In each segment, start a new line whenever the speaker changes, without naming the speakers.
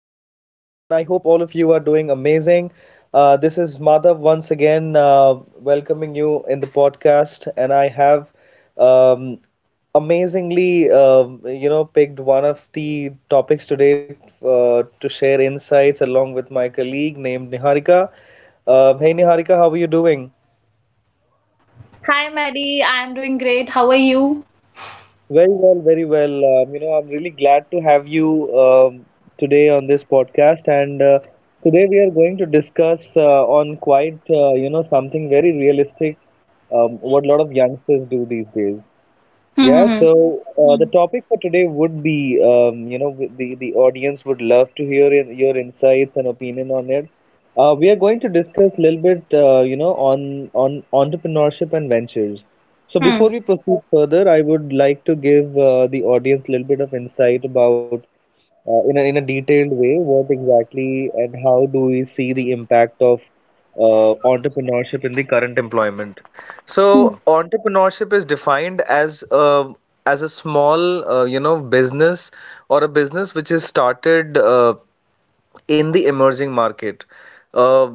everyone. I hope all of you are doing amazing. This is Madhav once again welcoming you in the podcast, and I have um, amazingly, picked one of the topics today to share insights along with my colleague named Niharika. Hey, Niharika, how are you doing?
Hi, Maddie. I'm doing great. How are you?
Very well, very well. I'm really glad to have you today on this podcast. And Today we are going to discuss on quite, something very realistic, what a lot of youngsters do these days.
Hmm.
Yeah,
Hmm.
so the topic for today would be, the audience would love to hear in, your insights and opinion on it. We are going to discuss a little bit, on entrepreneurship and ventures. So
Hmm.
before we proceed further, I would like to give the audience a little bit of insight about in a, detailed way what exactly and how do we see the impact of entrepreneurship in the current employment.
Hmm.
So entrepreneurship is defined as a small business or a business which is started in the emerging market. Uh,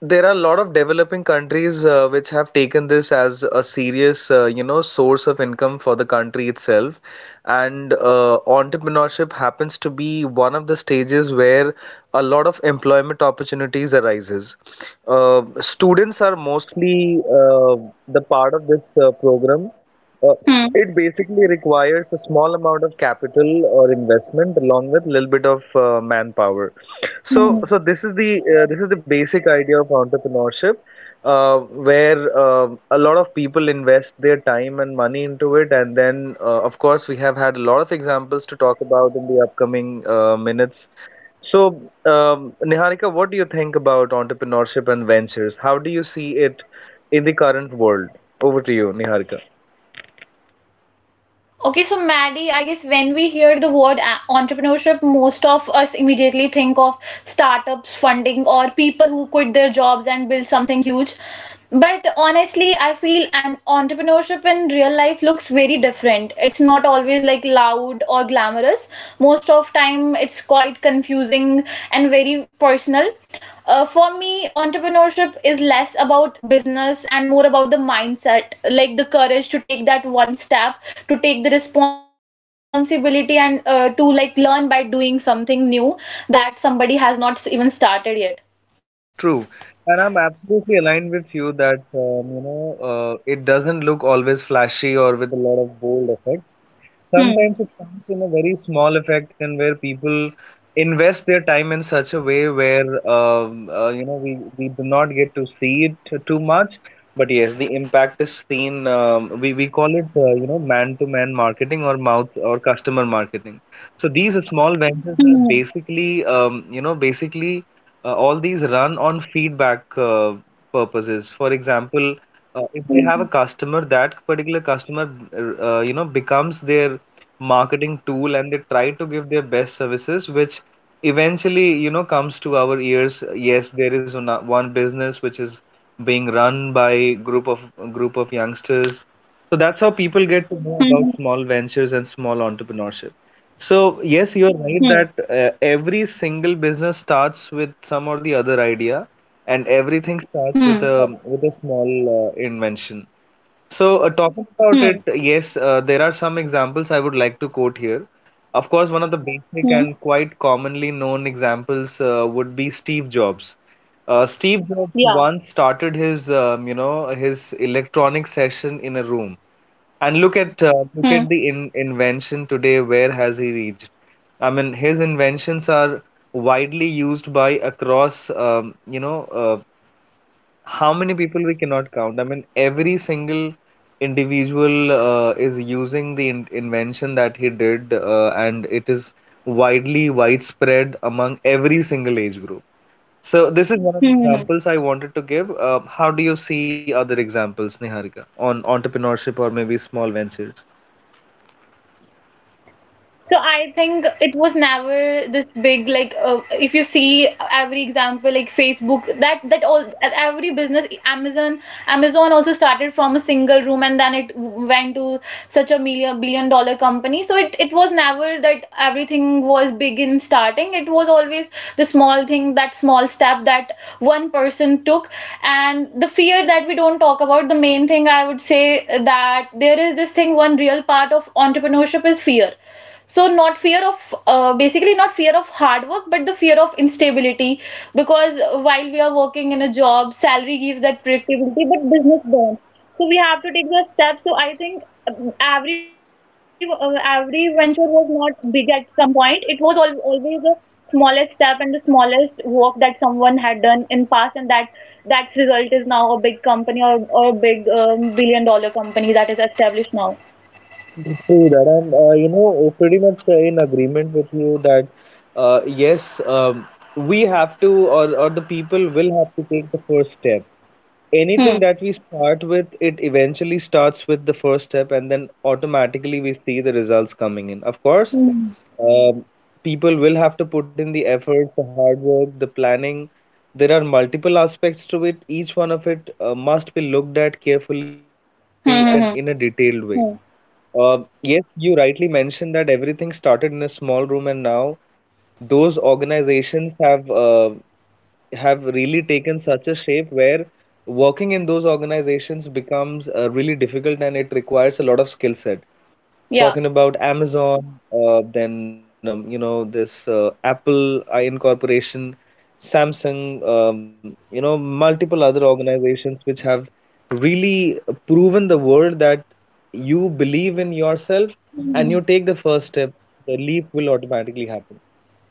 there are a lot of developing countries which have taken this as a serious, source of income for the country itself. And entrepreneurship happens to be one of the stages where a lot of employment opportunities arises. Students are mostly the part of this program uh,
Hmm.
it basically requires a small amount of capital or investment along with a little bit of manpower.
Hmm.
So this is the basic idea of entrepreneurship, where a lot of people invest their time and money into it, and then of course we have had a lot of examples to talk about in the upcoming minutes. So, Niharika, what do you think about entrepreneurship and ventures? How do you see it in the current world? Over to you, Niharika.
Okay, so Maddie, I guess when we hear the word entrepreneurship, most of us immediately think of startups, funding, or people who quit their jobs and build something huge. But honestly, I feel an entrepreneurship in real life looks very different. It's not always like loud or glamorous. Most of time it's quite confusing and very personal. For me entrepreneurship is less about business and more about the mindset, like the courage to take that one step, to take the responsibility and to like learn by doing something new that somebody has not even started yet.
True, and I'm absolutely aligned with you that it doesn't look always flashy or with a lot of bold effects.
Hmm.
Sometimes it comes in a very small effect, and where people invest their time in such a way where we do not get to see it too much, but yes, the impact is seen. We call it man-to-man marketing or mouth or customer marketing. So these
Hmm.
small ventures are basically basically all these run on feedback purposes. For example,
Hmm.
if they have a customer, that particular customer becomes their marketing tool, and they try to give their best services, which eventually comes to our ears. Yes, there is one business which is being run by group of youngsters. So that's how people get to know about small ventures and small entrepreneurship. So
Hmm.
yes, you're right that every single business starts with some or the other idea, and
Hmm.
everything
Hmm.
starts with a small invention. So,
Hmm.
talking about it, yes, there are some examples I would like to quote here. Of course, one
Hmm.
of the basic and quite commonly known examples would be Steve Jobs.
Yeah.
Steve Jobs once started his, his electronic session in a room, and
Hmm.
look at the in invention today. Where has he reached? I mean, his inventions are widely used by across, how many people we cannot count. I mean, every single individual is using the in invention that he did, and it is widely widespread among every single age group. So this is
Hmm.
one of the examples I wanted to give. How do you see other examples, Niharika, on entrepreneurship or maybe small ventures?
So I think it was never this big, like if you see every example like Facebook, that all every business, Amazon. Amazon also started from a single room and then it went to such a million billion dollar company, so it was never that everything was big in starting. It was always the small thing, that small step that one person took. And the fear that we don't talk about, the main thing I would say, that there is this thing, one real part of entrepreneurship is fear. So not fear of basically not fear of hard work, but the fear of instability. Because while we are working in a job, salary gives that predictability, but business don't. So we have to take those steps. So I think every venture was not big at some point. It was al always the smallest step and the smallest work that someone had done in past, and that that result is now a big company, or a big billion dollar company that is established now.
True that, and pretty much in agreement with you that yes, we have to, or the people will have to take the first step. Anything
Hmm.
that we start with, it eventually starts with the first step, and then automatically we see the results coming in. Of course,
Hmm.
um, people will have to put in the effort, the hard work, the planning. There are multiple aspects to it. Each one of it must be looked at carefully and in a,
Hmm. Hmm. Hmm.
detailed way.
Hmm.
Yes, you rightly mentioned that everything started in a small room, and now those organizations have really taken such a shape where working in those organizations becomes really difficult and it requires a lot of skill set.
Yeah.
Talking about Amazon, then this Apple Incorporation, Samsung, multiple other organizations which have really proven the world that you believe in yourself and you
Hmm.
take the first step, the leap will automatically happen.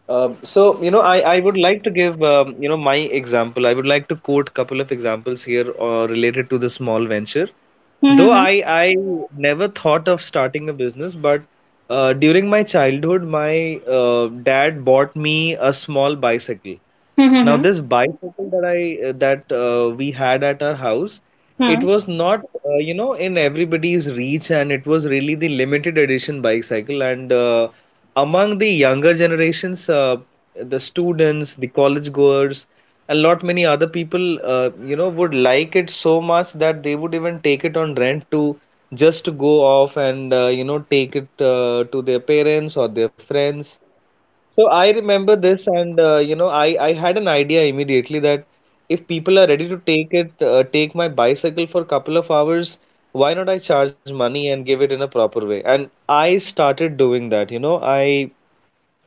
I would like to give, my example. I would like to quote couple of examples here related to the small venture.
Hmm. Hmm. Hmm.
I never thought of starting a business, but during my childhood, my dad bought me a small bicycle.
Hmm.
Now,
Hmm.
this bicycle that I that we had at our house, it
Hmm.
was not in everybody's reach, and it was really the limited edition bicycle. And among the younger generations, the students, the college goers, a lot many other people, would like it so much that they would even take it on rent to just to go off and take it to their parents or their friends so I remember this, and I had an idea immediately that if people are ready to take it, take my bicycle for a couple of hours, why not I charge money and give it in a proper way? And I started doing that. You know, I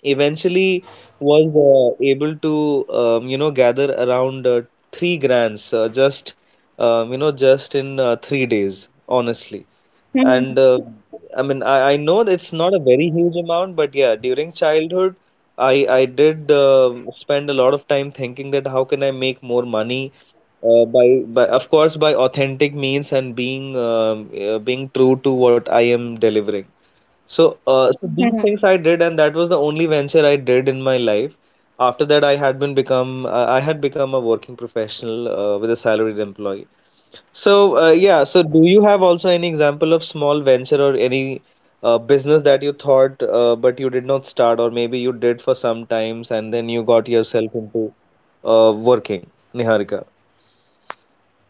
eventually was able to gather around three grands just just in 3 days, honestly.
Hmm.
And I mean, I know that it's not a very huge amount, but yeah, during childhood, I did spend a lot of time thinking that how can I make more money by of course by authentic means and being being true to what I am delivering.
Hmm.
So these things I did, and that was the only venture I did in my life. After that, I had become a working professional with a salaried employee. So, yeah, so do you have also any example of small venture or any business that you thought but you did not start, or maybe you did for some times and then you got yourself into working, Niharika?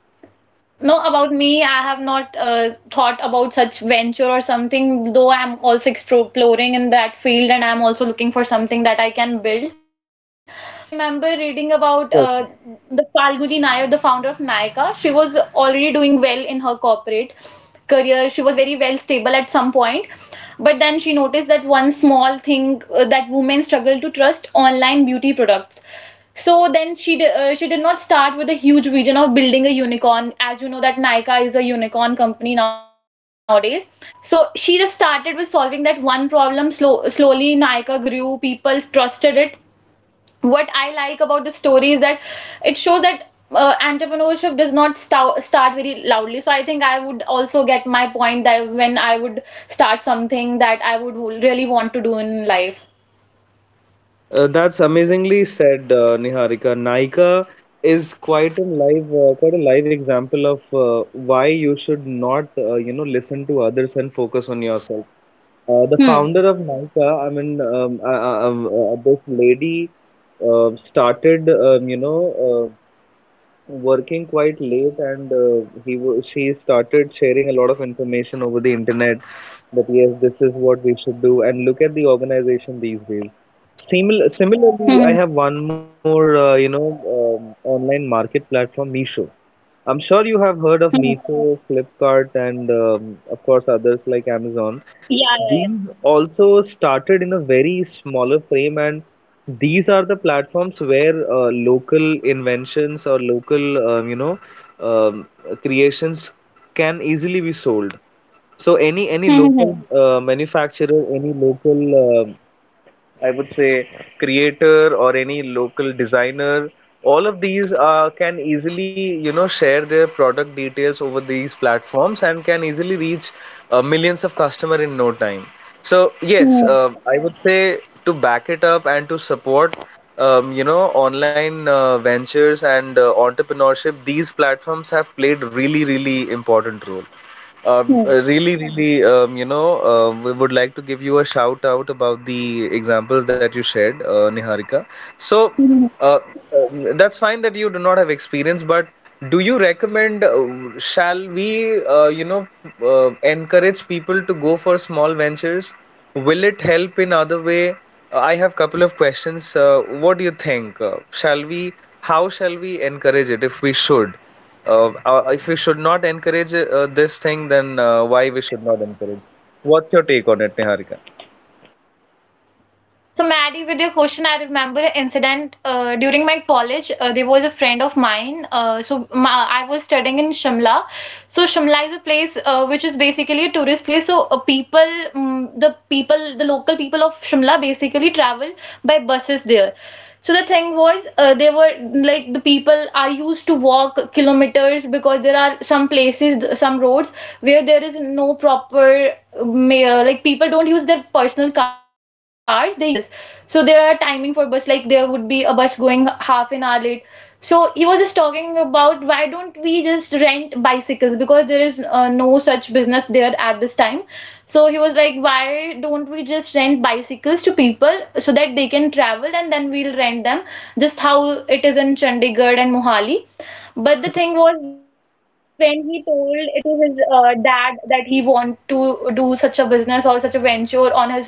No, about me, I have not thought about such venture or something, though I'm also exploring in that field and I'm also looking for something that I can build. But I remember reading about
Perfect.
the Falguni Nayar, the founder of Nykaa. She was already doing well in her corporate career. She was very well stable at some point. But then she noticed that one small thing, that women struggle to trust online beauty products. So then she did not start with a huge vision of building a unicorn. As you know that Nykaa is a unicorn company nowadays. So she just started with solving that one problem. Slow, slowly Nykaa grew. People trusted it. What I like about the story is that it shows that entrepreneurship does not start very loudly. So I think I would also get my point that when I would start something that I would really want to do in life.
That's amazingly said, Niharika. Nykaa is quite a live example of why you should not, listen to others and focus on yourself.
Hmm.
The founder of Nykaa, this lady started, uh, working quite late, and she started sharing a lot of information over the internet that yes, this is what we should do, and look at the organization these days.
Hmm.
Similarly, I have one more, online market platform, Meesho. I'm sure you
Hmm. Hmm.
have heard of Meesho, Flipkart, and of course others like
Yeah.
Amazon.
Yeah.
These also started in a very smaller frame, and these are the platforms where local inventions or local, um, creations can easily be sold. So
Yeah. Hmm. Hmm.
any local manufacturer, any local I would say creator or any local designer. All of these can easily, you know, share their product details over these platforms and can easily reach millions of customer in no time. So
Hmm.
yes, I would say to back it up and to support, online ventures and entrepreneurship. These platforms have played really, really important role.
Hmm.
Really, really, we would like to give you a shout out about the examples that you shared, Niharika. So,
Mhm.
uh, that's fine that you do not have experience, but do you recommend, shall we, encourage people to go for small ventures? Will it help in other way? I have couple of questions. What do you think? Shall we, how shall we encourage it if we should? If we should not encourage this thing, then why we should not encourage? What's your take on it, Niharika?
So, Maddie, with your question, I remember an incident during my college. There was a friend of mine. So, ma I was studying in Shimla. So, Shimla is a place which is basically a tourist place. So, people, mm The people, the local people of Shimla basically travel by buses there. So the thing was, they were like the people are used to walk kilometers because there are some places, some roads where there is no proper like people don't use their personal cars, they use buses. So there are timing for bus, like there would be a bus going half an hour late. So he was just talking about, why don't we just rent bicycles because there is no such business there at this time. So he was like, why don't we just rent bicycles to people so that they can travel and then we'll rent them, just how it is in Chandigarh and Mohali. But the
Mhm.
thing was, when he told it to his dad that he want to do such a business or such a venture on his own,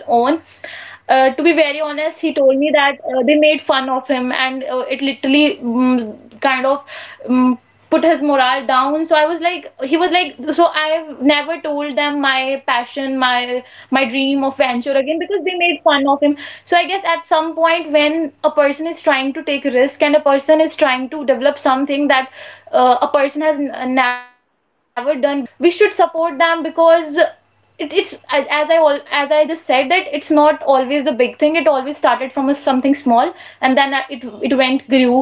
to be very honest, he told me that they made fun of him and kind of mm put his morale down. So I was like, he was like, so I've never told them my passion, my dream of venture again because they made fun of him. So I guess at some point when a person is trying to take risk and a person is trying to develop something that a person has never done before, we should support them because it's as I just said, that it's not always the big thing. It always started from a, something small, and then it went grew.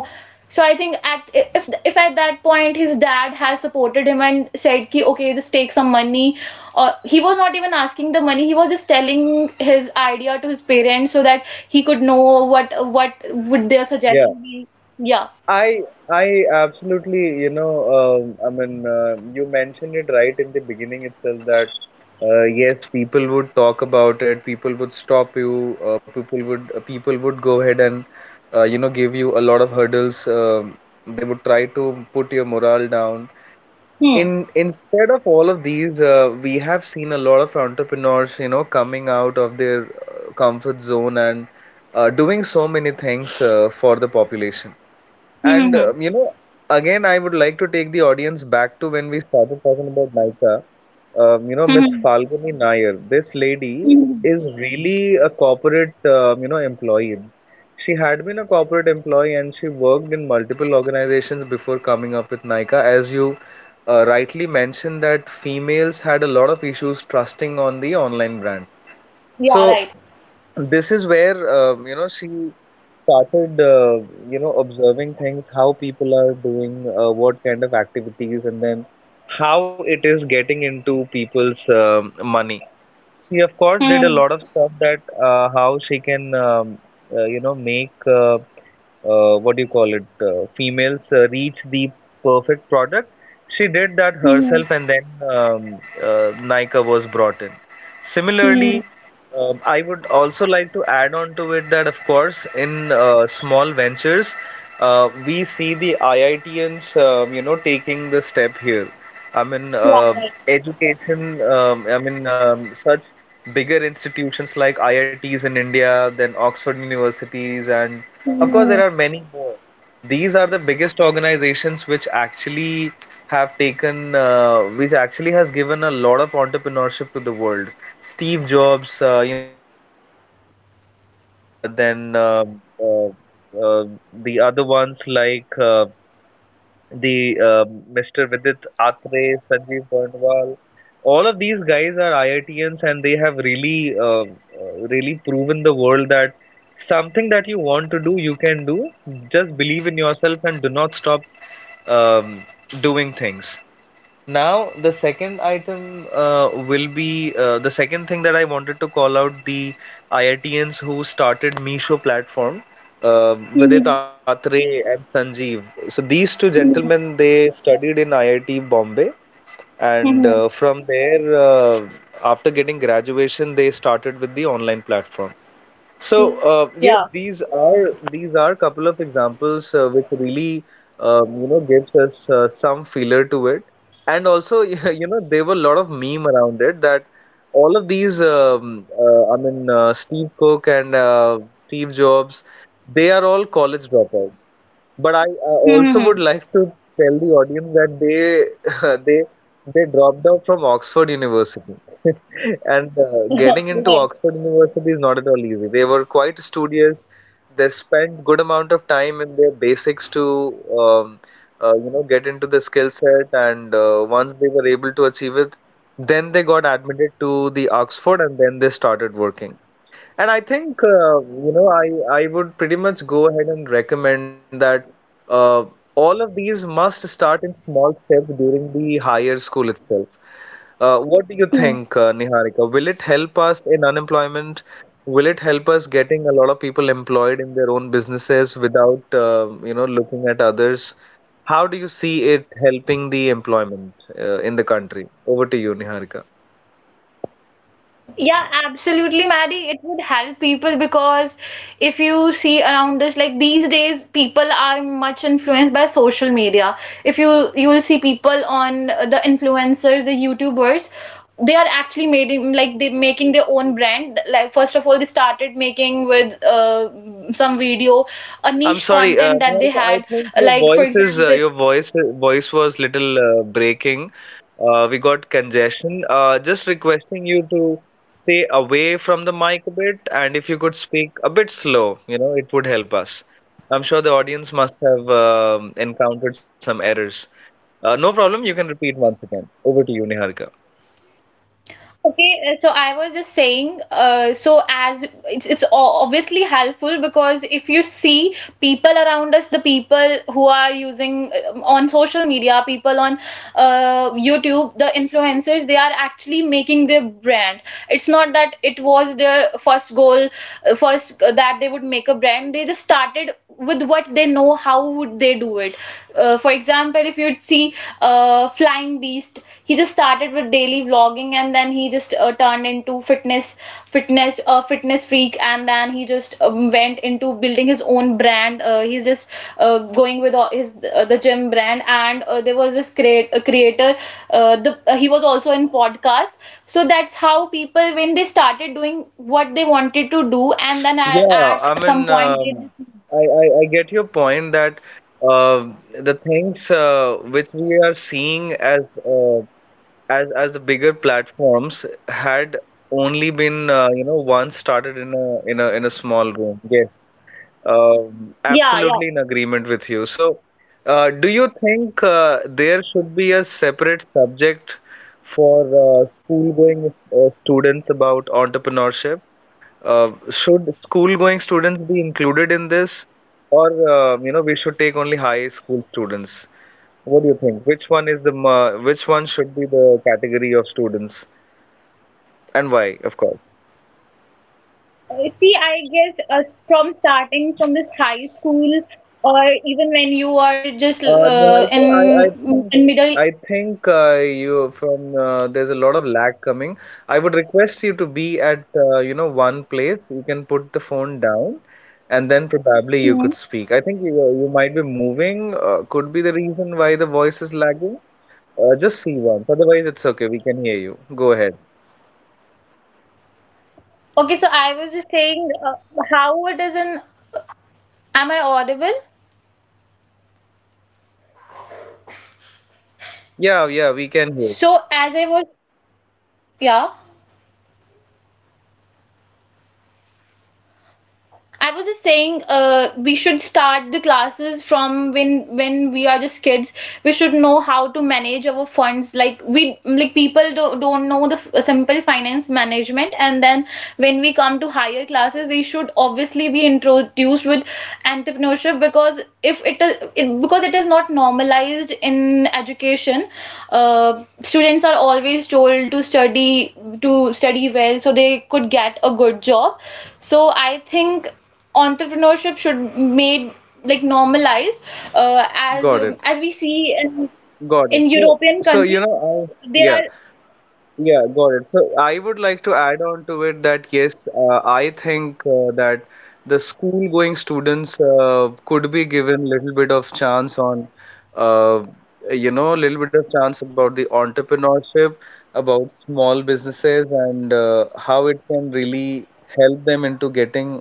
So I think at if at that point his dad has supported him and said ki okay just take some money, or he was not even asking the money. He was just telling his idea to his parents so that he could know what what would their
Yeah,
suggestion be. Yeah.
I I absolutely, you mentioned it right in the beginning itself that yes, people would talk about it, people would stop you, people would go ahead and give you a lot of hurdles. They would try to put your morale down.
Hmm.
In instead of all of these, we have seen a lot of entrepreneurs, you know, coming out of their comfort zone and doing so many things for the population. And
Hmm. Hmm.
again, I would like to take the audience back to when we started talking about Naika.
Hmm. Hmm.
Miss Falguni Nair. This
Hmm.
lady
Hmm.
is really a corporate, employee. She had been a corporate employee and she worked in multiple organizations before coming up with Nykaa. As you rightly mentioned, that females had a lot of issues trusting on the online brand.
Yeah.
So
Right.
this is where she started observing things, how people are doing, what kind of activities, and then how it is getting into people's money. She of course did a
Hmm.
lot of stuff that how she can make. What do you call it, females reach the perfect product. She did that
Hmm. Hmm.
herself, and then Nykaa was brought in. Similarly,
Hmm.
I would also like to add on to it that, of course, in small ventures, we see the IITians, taking the step here. I mean,
Yeah.
uh,
Right.
education, such bigger institutions like IITs in India, then Oxford universities and of course, there are
Mhm.
many more. These are the biggest organizations which actually have taken, which actually has given a lot of entrepreneurship to the world. Steve Jobs, Steve Cook, uh, then um uh, uh, the other ones like the Mr. Vidit Atre, Sanjeev Barnwal, all of these guys are IITians and they have really, really proven the world that something that you want to do, you can do. Just believe in yourself and do not stop um, doing things. Now, the second item will be the second thing that I wanted to call out the IITians who started Meesho platform, Vidit
Mhm.
Atre and Sanjeev. So these two gentlemen,
Mhm.
they studied in IIT Bombay, and
Mhm.
from there, after getting graduation, they started with the online platform. So
Yeah.
yes, these are couple of examples which really gives us some feeler to it, and also you know there were a lot of meme around it that all of these Steve Cook and Steve Jobs they are all college dropouts. But I
Mhm.
also would like to tell the audience that they they dropped out from Oxford University, and getting
Right.
into Oxford University is not at all easy. They were quite studious. They spent good amount of time in their basics to um, get into the skill set, and once they were able to achieve it, then they got admitted to the Oxford, and then they started working. And I think I would pretty much go ahead and recommend that uh, all of these must start in small steps during the higher school itself. What do you
Mhm.
think, Niharika? Will it help us in unemployment? Will it help us getting a lot of people employed in their own businesses without looking at others? How do you see it helping the employment in the country? Over to you, Niharika.
Yeah, absolutely, Maddie. It would help people because if you see around us, like these days, people are much influenced by social media. If you will see people on the influencers, the YouTubers, they are actually made in, like they making their own brand. Like first of all, they started making with some video, a
I'm
niche
sorry,
content that they
Niharika. I
had.
think your
Like for
voice is uh,
example,
your voice voice was little breaking. We got congestion. Just requesting you to stay away from the mic a bit, and if you could speak a bit slow, you know, it would help us. I'm sure the audience must have encountered some errors. No problem. You can repeat once again. Over to you, Niharika.
okay, so I was just saying, so as it's, obviously helpful because if you see people around us, the people who are using on social media, people on YouTube, the influencers, they are actually making their brand. It's not that it was their first goal, first that they would make a brand. They just started with what they know, how would they do it. For example, if you'd see flying beast, he just started with daily vlogging and then he just turned into fitness. Fitness a Fitness freak, and then he just went into building his own brand. He's just going with all his the gym brand. And there was this create a creator, the he was also in podcast. So that's how people, when they started doing what they wanted to do and then
Yeah, I
at some
mean,
point they just
I get your point that uh, the things which we are seeing as uh, as the bigger platforms had only been once started in a in a small room. Yes,
yeah yeah.
absolutely in agreement with you. So, do you think there should be a separate subject for school-going students about entrepreneurship? Should school-going students be included in this, or we should take only high school students? What do you think? Which one should be the category of students, and why, of course?
See, I guess from starting from this high school, or even when you are just
Niharika,
in middle.
I think you from there's a lot of lag coming. I would request you to be at one place. You can put the phone down, and then probably you
Mhm.
could speak. I think you might be moving. Could be the reason why the voice is lagging. Just see once. Otherwise, it's okay. We can hear you. Go ahead.
Okay, so I was just saying, how it is in. Am I audible?
Yeah, yeah, we can hear.
So as I was, yeah. I was just saying, we should start the classes from when we are just kids. We should know how to manage our funds. Like we like people don't know the simple finance management, and then when we come to higher classes, we should obviously be introduced with entrepreneurship because if it is it, because it is not normalized in education. uh, Students are always told to study, to study well so they could get a good job. So I think entrepreneurship should made like normalized,
Got it.
as we see
Got it.
in
So,
european
so you
countries
know, I
there
yeah,
are
yeah, got it. So I would like to add on to it that yes, I think that the school-going students could be given little bit of chance on, uh, little bit of chance about the entrepreneurship, about small businesses, and how it can really help them into getting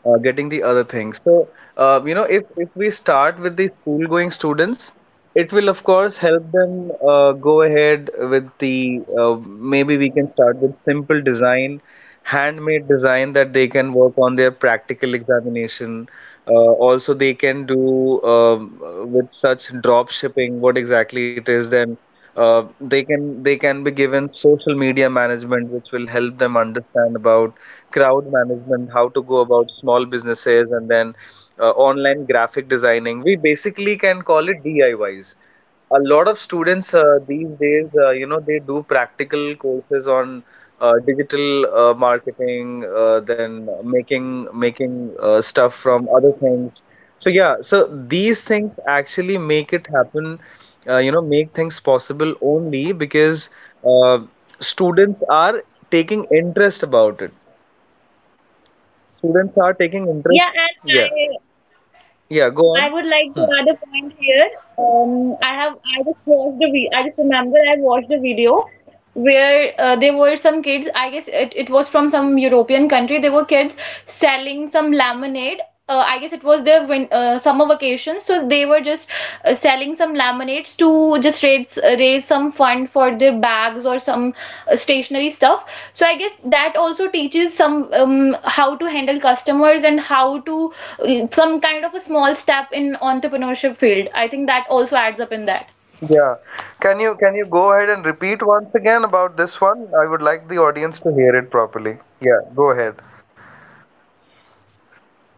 getting the other things. So, if we start with the school going students, it will of course help them go ahead with the maybe we can start with simple design, handmade design that they can work on their practical examination. Uh, also, they can do with such drop shipping what exactly it is then. They can be given social media management, which will help them understand about crowd management, how to go about small businesses, and then online graphic designing. We basically can call it DIYs. A lot of students these days, they do practical courses on digital marketing, then making stuff from other things. So yeah, so these things actually make it happen, make things possible only because uh, students are taking interest about it. Students are taking
yeah
interest. Yeah,
and
yeah, go
I
on.
would like to
Hmm.
add a point here. I just watched the I just remember I watched a video where there were some kids. I guess it was from some European country. There were kids selling some lemonade. I guess it was their win summer vacation, so they were just selling some laminates to just raise some fund for their bags or some stationery stuff. So I guess that also teaches some, how to handle customers and how to some kind of a small step in entrepreneurship field. I think that also adds up in that.
Yeah. Can you go ahead and repeat once again about this one? I would like the audience to hear it properly. Yeah, go ahead.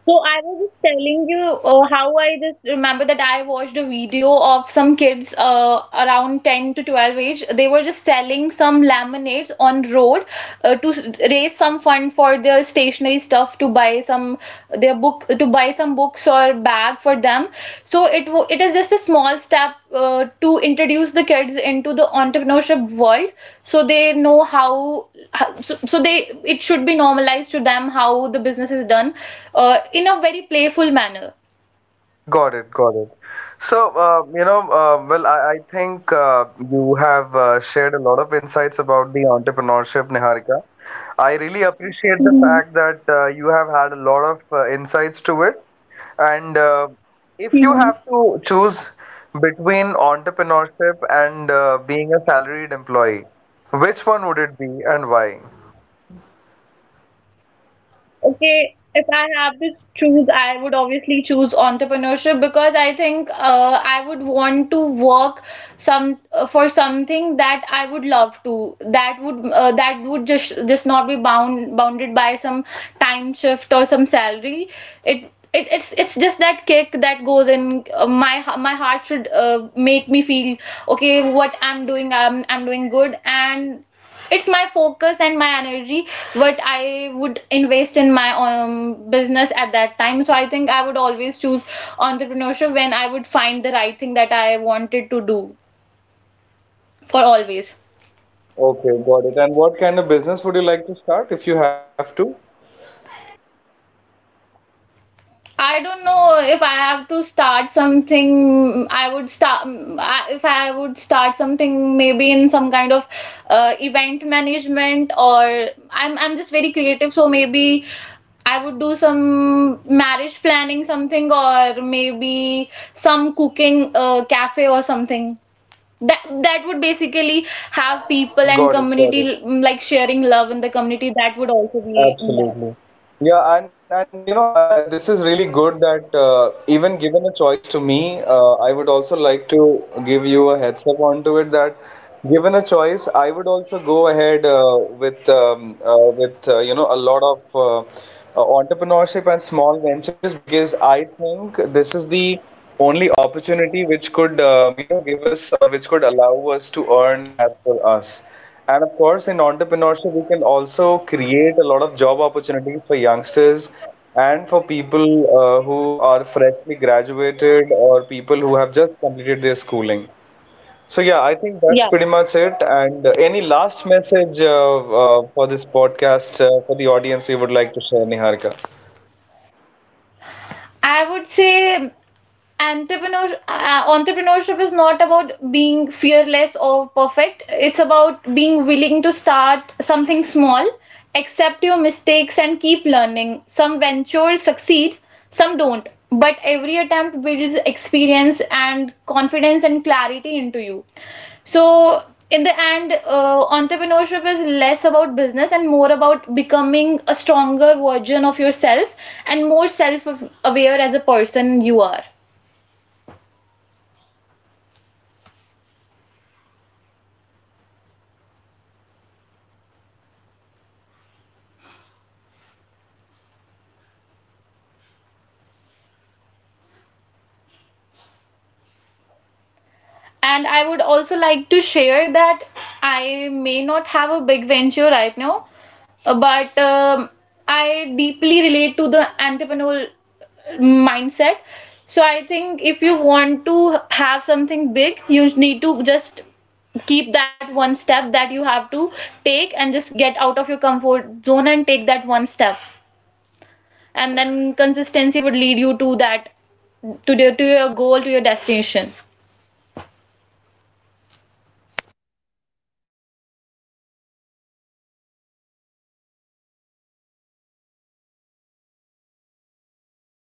So I was just telling you how I just remember that I watched a video of some kids around 10 to 12 age. They were just selling some laminates on road raise some fund for their stationery stuff to buy some their book, to buy some books or bag for them. So it is just a small step to introduce the kids into the entrepreneurship world so they know how, so, so they, it should be normalized to them how the business is done in a very playful manner.
Got it, got it. So, well, I think you have shared a lot of insights about the entrepreneurship, Niharika. I really appreciate the
Mhm.
fact that you have had a lot of insights to it. And if you
Mhm.
have to choose between entrepreneurship and being a salaried employee, which one would it be and why?
Okay, if I have to choose, I would obviously choose entrepreneurship because I think I would want to work some, for something that I would love to. That would just not be bounded by some time shift or some salary. It it's just that kick that goes in my my heart should make me feel okay. What I'm doing, I'm doing good, and it's my focus and my energy what I would invest in my business at that time. So I think I would always choose entrepreneurship when I would find the right thing that I wanted to do for always.
Okay, got it. And what kind of business would you like to start if you have to?
I don't know if I have to start something. I would start, if I would start something, maybe in some kind of event management or, I'm just very creative, so maybe I would do some marriage planning something, or maybe some cooking cafe or something. That would basically have people and
Got it, got
community,
it.
mm, like sharing love in the community. That would also be in that.
Absolutely. Yeah, and you know, this is really good that even given a choice to me, I would also like to give you a heads up onto it that given a choice, I would also go ahead with a lot of entrepreneurship and small ventures because I think this is the only opportunity which could give us or which could allow us to earn as per us. And of course, in entrepreneurship, we can also create a lot of job opportunities for youngsters and for people who are freshly graduated or people who have just completed their schooling. So, yeah, I think that's
Yeah.
pretty much it. And any last message for this podcast for the audience you would like to share, Niharika?
I would say entrepreneurship is not about being fearless or perfect. It's about being willing to start something small, accept your mistakes and keep learning. Some ventures succeed, some don't, but every attempt builds experience and confidence and clarity into you. So in the end, entrepreneurship is less about business and more about becoming a stronger version of yourself and more self aware as a person you are.
All right. Thank you so much, Niharika. We love to hear your insights about entrepreneurship and small ventures. Uh,
And I would also like to share that I may not have a big venture right now, but I deeply relate to the entrepreneurial mindset. So I think if you want to have something big, you need to just keep that one step that you have to take, and just get out of your comfort zone and take that one step. And then consistency would lead you to that, to your goal, to your destination.